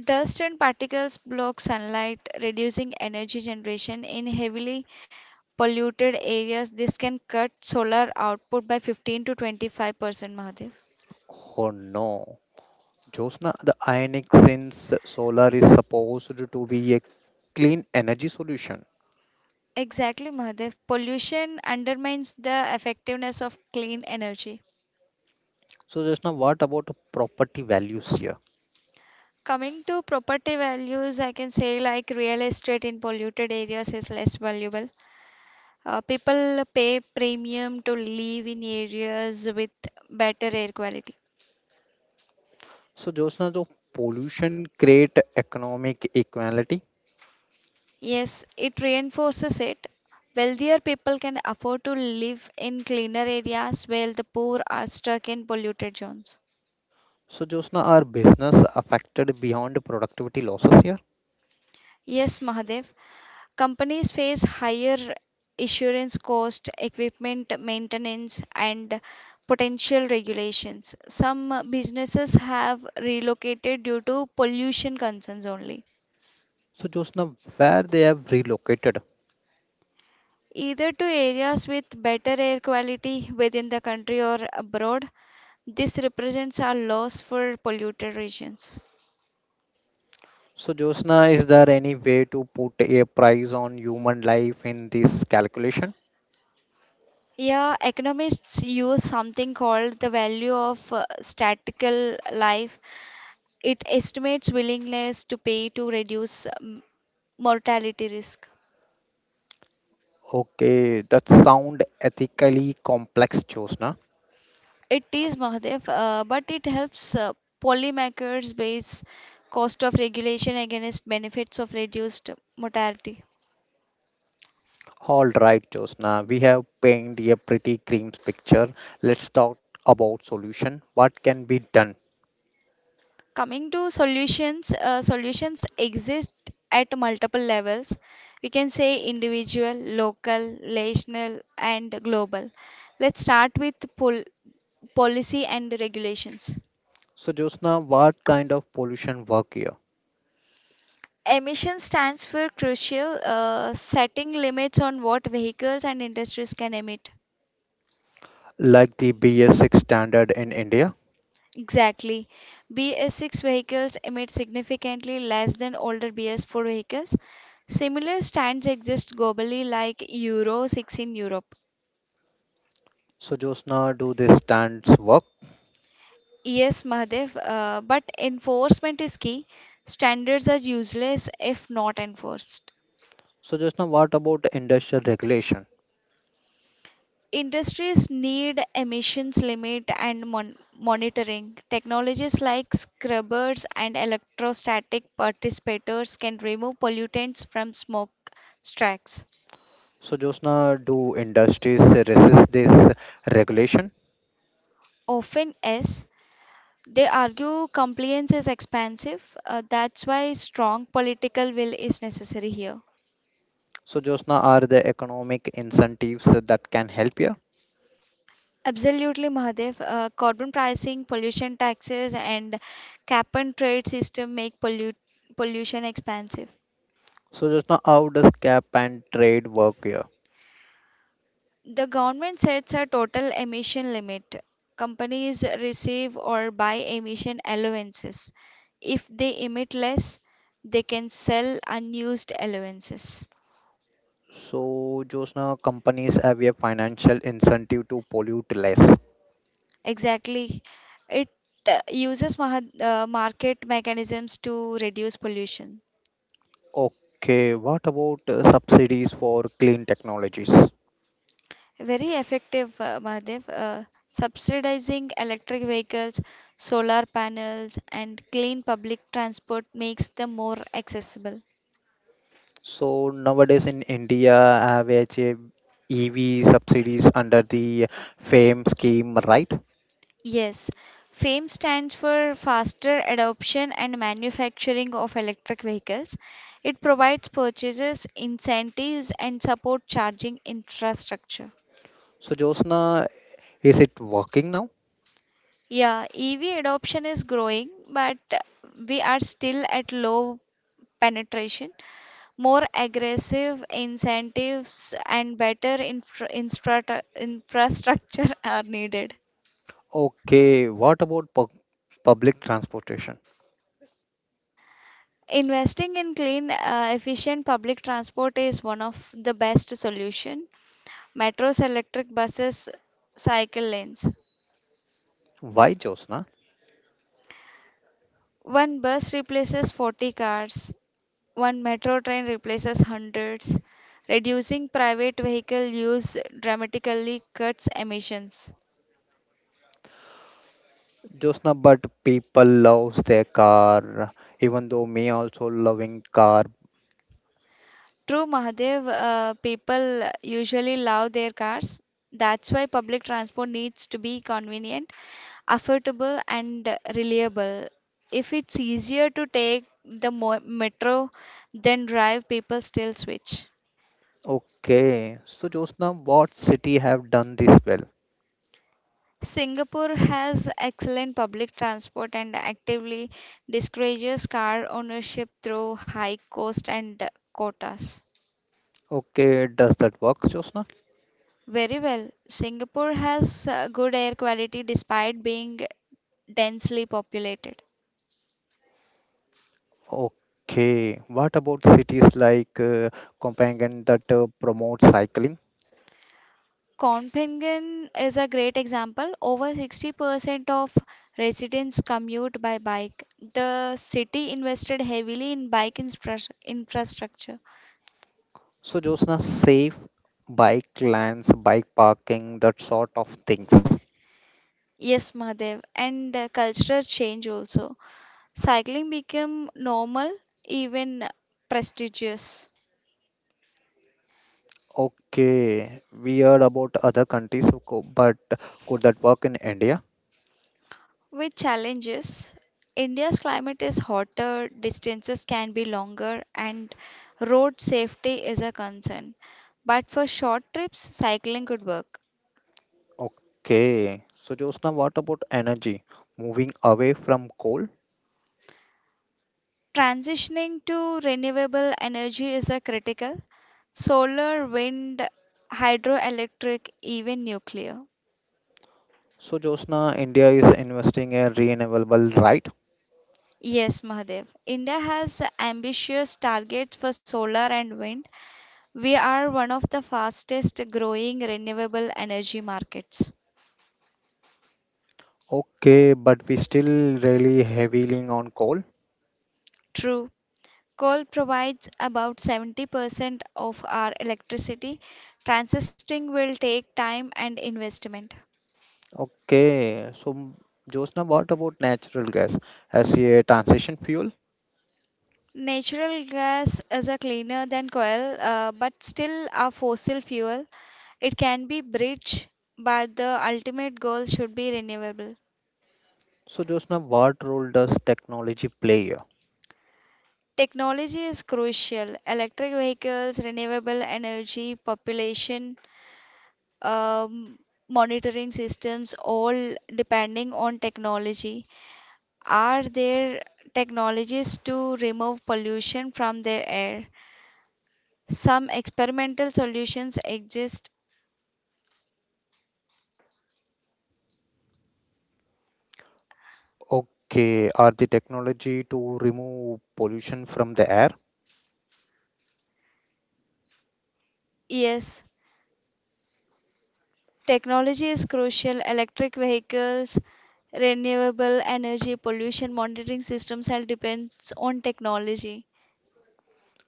S2: Dust and particles block sunlight, reducing energy generation in heavily polluted areas. This can cut solar output by 15 to 25 percent, Mahadev.
S1: Oh no. Josna, the ionic since solar is supposed to be a clean energy solution.
S2: Exactly, Mahadev. Pollution undermines the effectiveness of clean energy.
S1: So Jyotsna, what about property values here?
S2: Coming to property values, I can say like real estate in polluted areas is less valuable. People pay premium to live in areas with better air quality.
S1: So Jyotsna, the pollution create economic equality.
S2: Yes, it reinforces it. Wealthier people can afford to live in cleaner areas while the poor are stuck in polluted zones.
S1: So Jyotsna, are business affected beyond productivity losses here?
S2: Yes, Mahadev. Companies face higher insurance cost, equipment maintenance, and potential regulations. Some businesses have relocated due to pollution concerns only,
S1: So Jyotsna, where they have relocated?
S2: either to areas with better air quality within the country or abroad. This represents a loss for polluted regions.
S1: So Jyotsna, is there any way to put a price on human life in this calculation?
S2: Yeah, economists use something called the value of statistical life. It estimates willingness to pay to reduce mortality risk.
S1: Okay, that sound ethically complex, Jyotsna.
S2: It is, Mahadev, but it helps policymakers base cost of regulation against benefits of reduced mortality.
S1: All right, Josna, we have painted a pretty grim picture. Let's talk about solution. What can be done?
S2: Coming to solutions, solutions exist at multiple levels. We can say individual, local, national, and global. Let's start with policy and regulations.
S1: So, Josna, what kind of pollution work here?
S2: Emission stands for crucial, setting limits on what vehicles and industries can emit.
S1: Like the BS6 standard in India.
S2: Exactly. BS6 vehicles emit significantly less than older BS4 vehicles. Similar stands exist globally, like Euro 6 in Europe.
S1: So, Josna, do these standards work?
S2: Yes, Mahadev, but enforcement is key. Standards are useless if not enforced.
S1: So, Josna, what about industrial regulation?
S2: Industries need emissions limit and monitoring. Technologies like scrubbers and electrostatic participators can remove pollutants from smoke stacks.
S1: So, Josna, do industries resist this regulation?
S2: Often, yes, they argue compliance is expensive. That's why strong political will is necessary here.
S1: So, Josna, are there economic incentives that can help here?
S2: Absolutely, Mahadev. Carbon pricing, pollution taxes, and cap and trade system make pollution expensive.
S1: So, Josna, how does cap and trade work here?
S2: The government sets a total emission limit. Companies receive or buy emission allowances. If they emit less, they can sell unused allowances.
S1: So, Josna, companies have a financial incentive to pollute less.
S2: Exactly. It uses market mechanisms to reduce pollution.
S1: Okay, what about subsidies for clean technologies?
S2: Very effective, Mahadev. Subsidizing electric vehicles, solar panels, and clean public transport makes them more accessible.
S1: So, nowadays in India, have a EV subsidies under the FAME scheme, right?
S2: Yes, FAME stands for Faster Adoption and Manufacturing of Electric Vehicles. It provides purchases, incentives, and support charging infrastructure.
S1: So, Josna, is it working now?
S2: Yeah, EV adoption is growing, but we are still at low penetration. More aggressive incentives and better infrastructure are needed.
S1: Okay, what about public transportation?
S2: Investing in clean, efficient public transport is one of the best solution. Metros, electric buses, cycle lanes.
S1: Why Josna?
S2: One bus replaces 40 cars. One metro train replaces hundreds. Reducing private vehicle use dramatically cuts emissions.
S1: Josna, but people loves their car, even though me also loving car.
S2: True, Mahadev, people usually love their cars. That's why public transport needs to be convenient, affordable, and reliable. If it's easier to take the metro than drive, people still switch.
S1: Okay. So Josna, what city have done this well?
S2: Singapore has excellent public transport and actively discourages car ownership through high cost and quotas.
S1: Okay, does that work, Josna?
S2: Very well, Singapore has good air quality despite being densely populated.
S1: Okay. What about cities like Copenhagen that promote cycling?
S2: Copenhagen is a great example. Over 60% of residents commute by bike. The city invested heavily in bike infrastructure.
S1: So Josna, safe bike lanes, bike parking, that sort of things.
S2: Yes, Mahadev, and cultural change also. Cycling became normal, even prestigious.
S1: Okay. We heard about other countries, so but could that work in India?
S2: With challenges, India's climate is hotter, distances can be longer, and road safety is a concern. But for short trips, cycling could work.
S1: Okay. So Josna, what about energy? Moving away from coal?
S2: Transitioning to renewable energy is a critical. Solar, wind, hydroelectric, even nuclear.
S1: So Josna, India is investing in renewable, right?
S2: Yes, Mahadev. India has ambitious targets for solar and wind. We are one of the fastest growing renewable energy markets.
S1: Okay, but we still really heavily on coal.
S2: True. Coal provides about 70% of our electricity. Transitioning will take time and investment.
S1: Okay, so Josna, what about natural gas as a transition fuel?
S2: Natural gas is a cleaner than
S1: So Josna, what role does technology play here? Okay, are the technology to remove pollution from the air?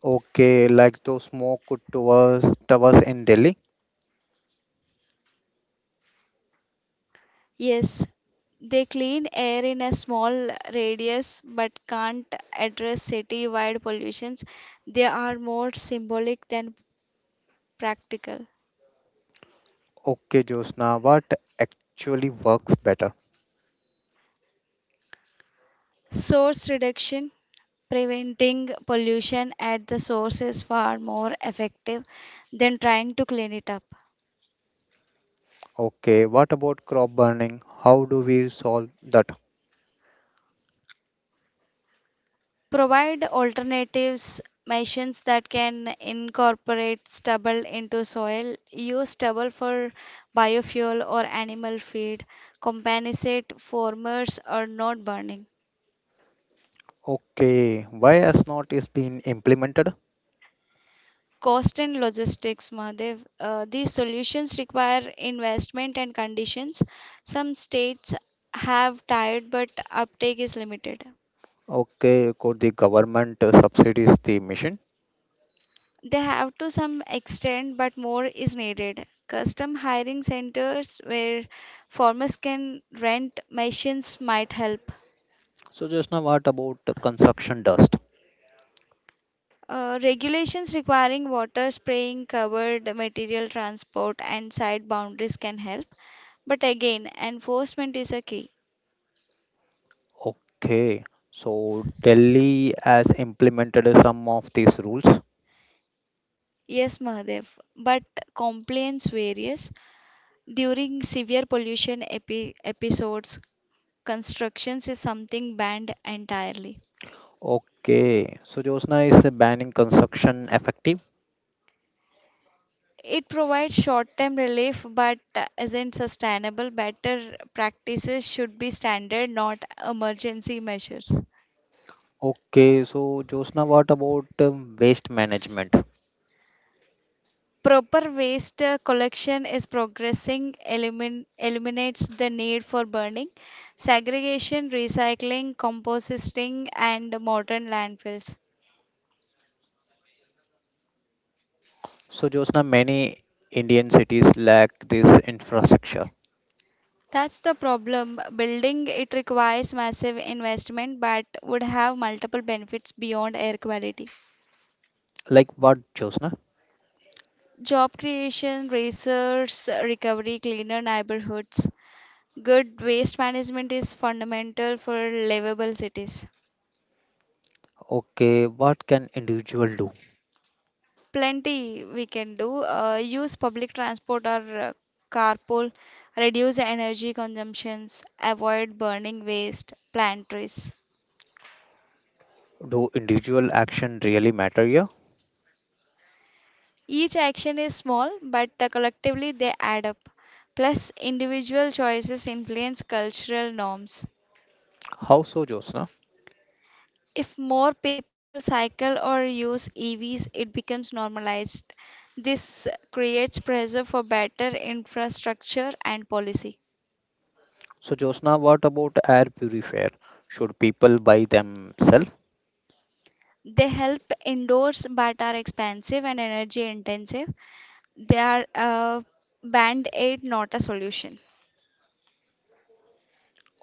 S1: Okay, like those smoke towers in Delhi? Okay, Josna, what actually works better? Okay, what about crop burning? How do we solve that? Okay, why has not is been implemented? Okay, could the government subsidies the mission? So just now, what about the construction dust? Okay, so Delhi has implemented some of these rules. Okay, so Josna is banning construction effective. Okay, so Josna, what about waste management? So, Josna, many Indian cities lack this infrastructure. Like what, Josna? Okay, what can individual do? Do individual action really matter here? How so, Josna? So, Josna, what about air purifier? Should people buy themselves?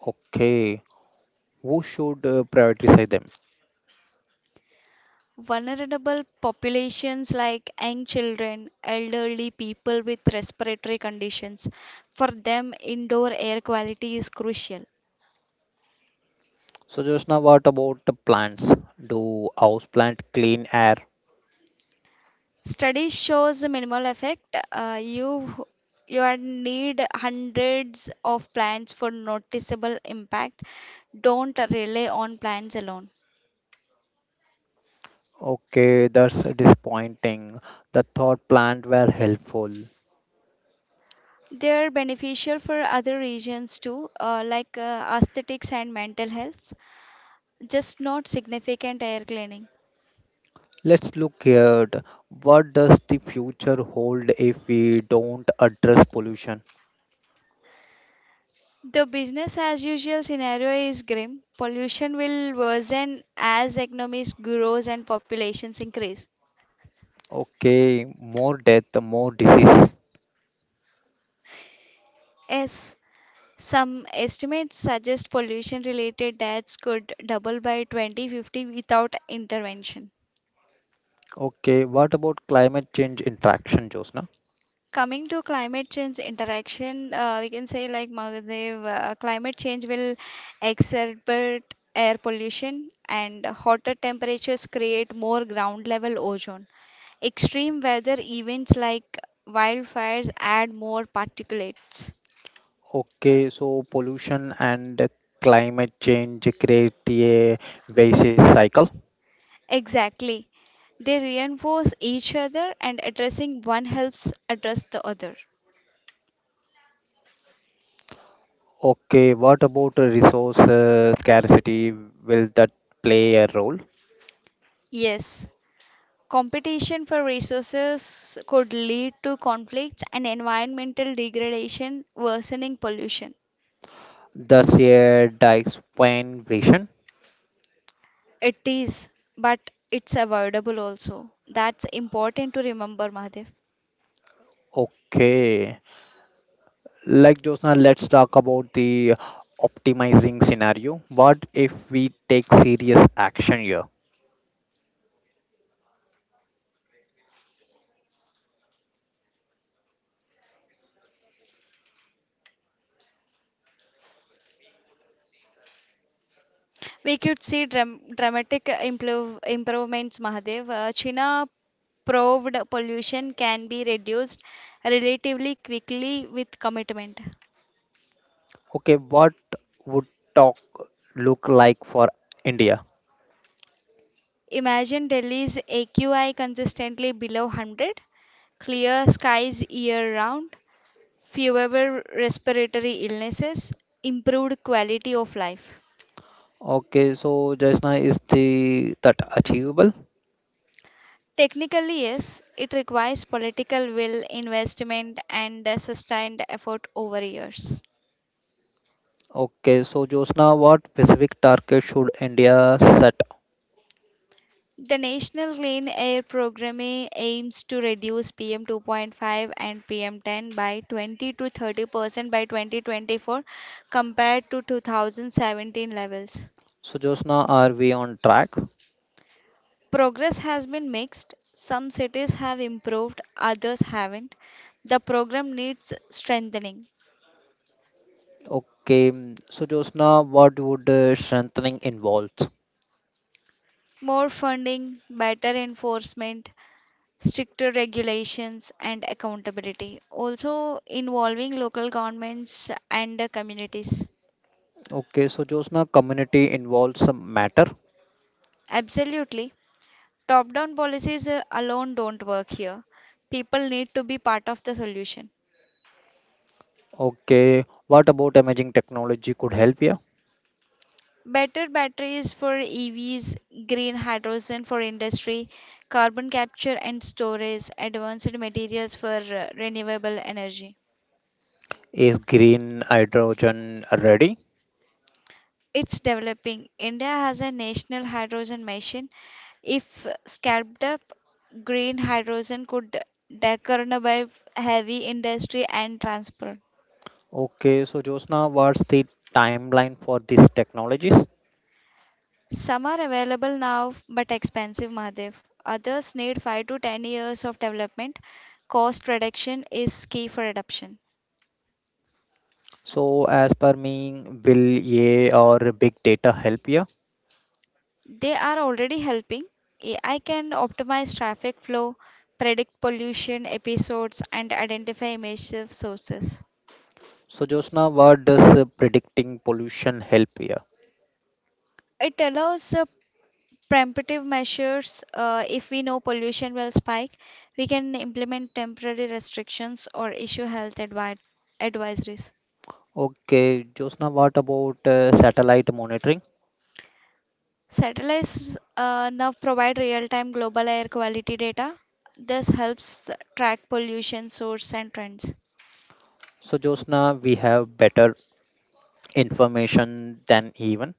S1: Okay, who should prioritize them? So, Josna, what about the plants? Do house plant clean air? Okay, that's disappointing. The thought plant were helpful. Let's look at what does the future hold if we don't address pollution? Okay, more death, more disease. Okay, what about climate change interaction, Josna? Okay, so pollution and climate change create a vicious cycle. Okay, what about resource scarcity? Will that play a role? The shared vision. Okay. Like Josna, let's talk about the optimizing scenario. What if we take serious action here? Okay, what would talk look like for India? Okay, so Josna, is the that achievable? Okay, so Josna, what specific target should India set? So Josna, are we on track? Okay, so Josna, what would strengthening involve? Okay, so Josna, community involves some matter. Okay, what about emerging technology could help here? Is green hydrogen ready? Okay, so Josna, what's the timeline for these technologies? So as per me, will AI or big data help here? So Josna, what does predicting pollution help here? Okay, Josna, what about satellite monitoring? So Josna, we have better information than even.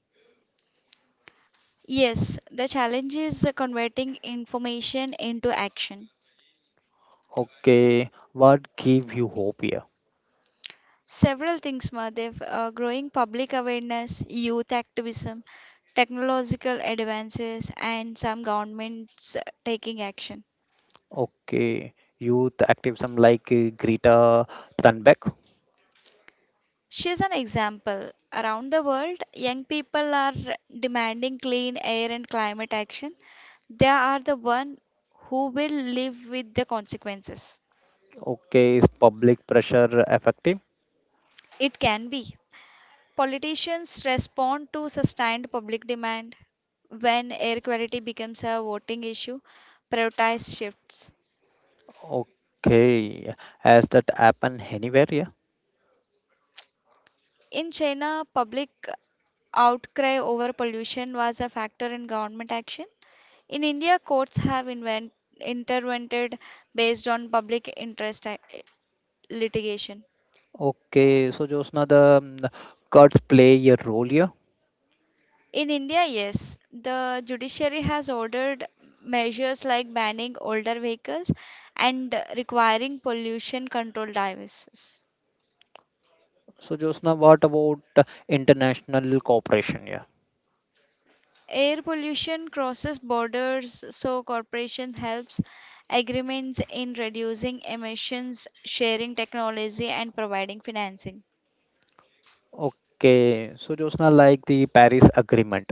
S1: Okay, what give you hope here? Okay, youth activism like Greta Thunberg. Okay, is public pressure effective? Okay, has that happened anywhere? Yeah. Okay, so Josna, the cuts play a role here. So Josna, what about international cooperation? Yeah. Okay, so Josna, like the Paris Agreement,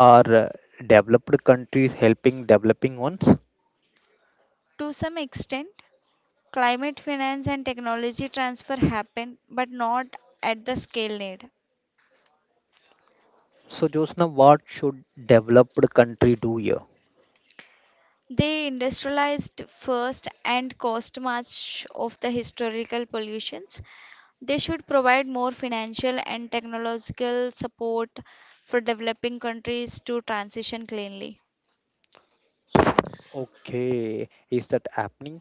S1: are developed countries helping developing ones? So Josna, what should developed country do here? Okay, is that happening?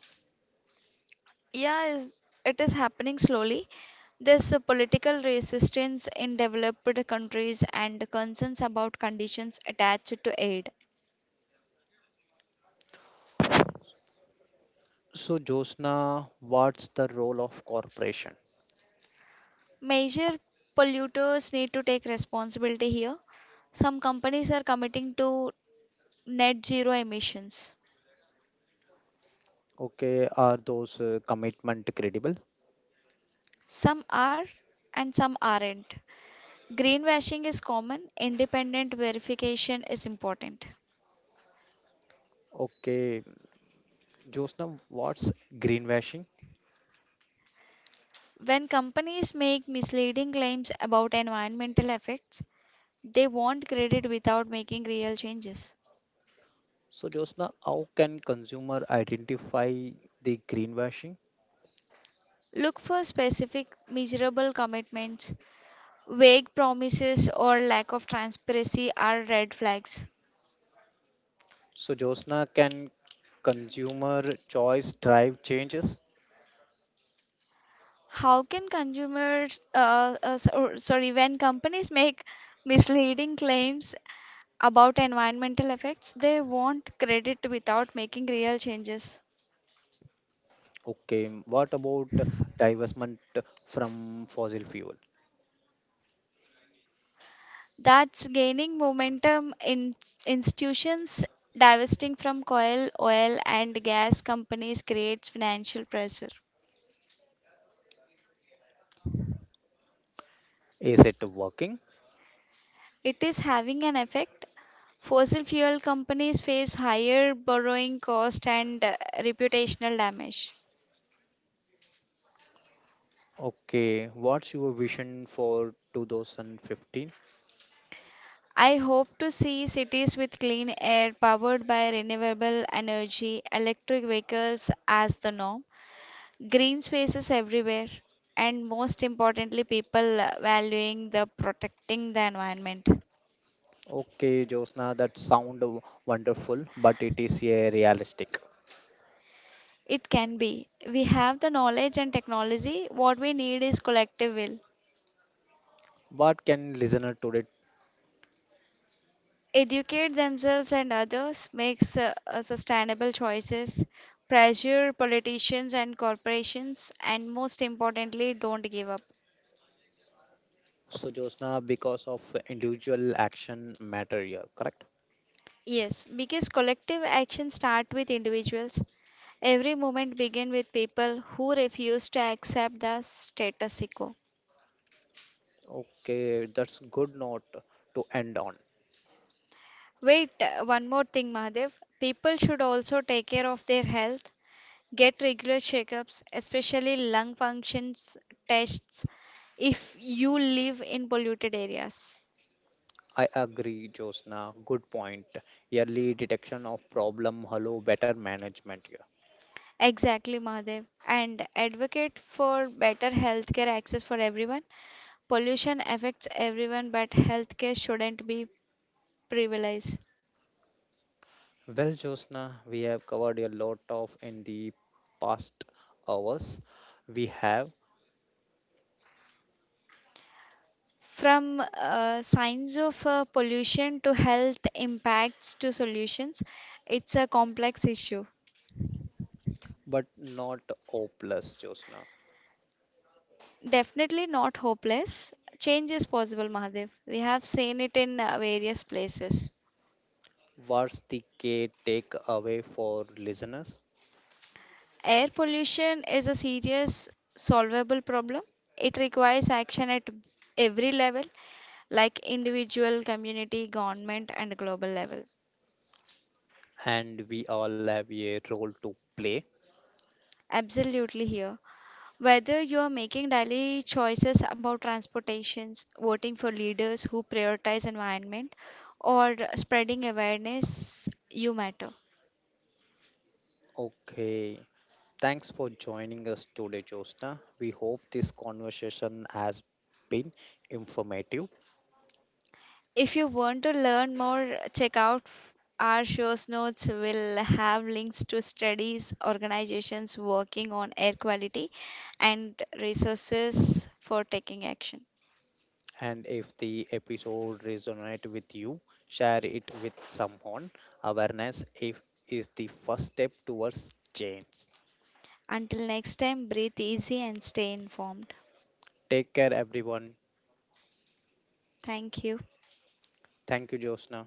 S1: So, Josna, what's the role of corporation? Okay, are those commitment credible? Okay, Josna, what's greenwashing? So, Josna, how can consumer identify the greenwashing? So, Josna, can consumer choice drive changes? Okay, what about divestment from fossil fuel? Is it working? Okay, what's your vision for 2015? Okay, Josna, that sound wonderful, but it is a realistic. What can listener today? So, Josna, because of individual action matter here, correct? Okay, that's good note to end on. I agree, Josna. Good point. Early detection of problem, hello, better management here. Well, Josna, we have covered a lot of in the past hours. We have, but not hopeless, Josna. What's the key takeaway for listeners? And we all have a role to play. Okay. Thanks for joining us today, Josna. We hope this conversation has been informative. And if the episode resonate with you, share it with someone. Awareness if, is the first step towards change. Take care, everyone. Thank you, Josna.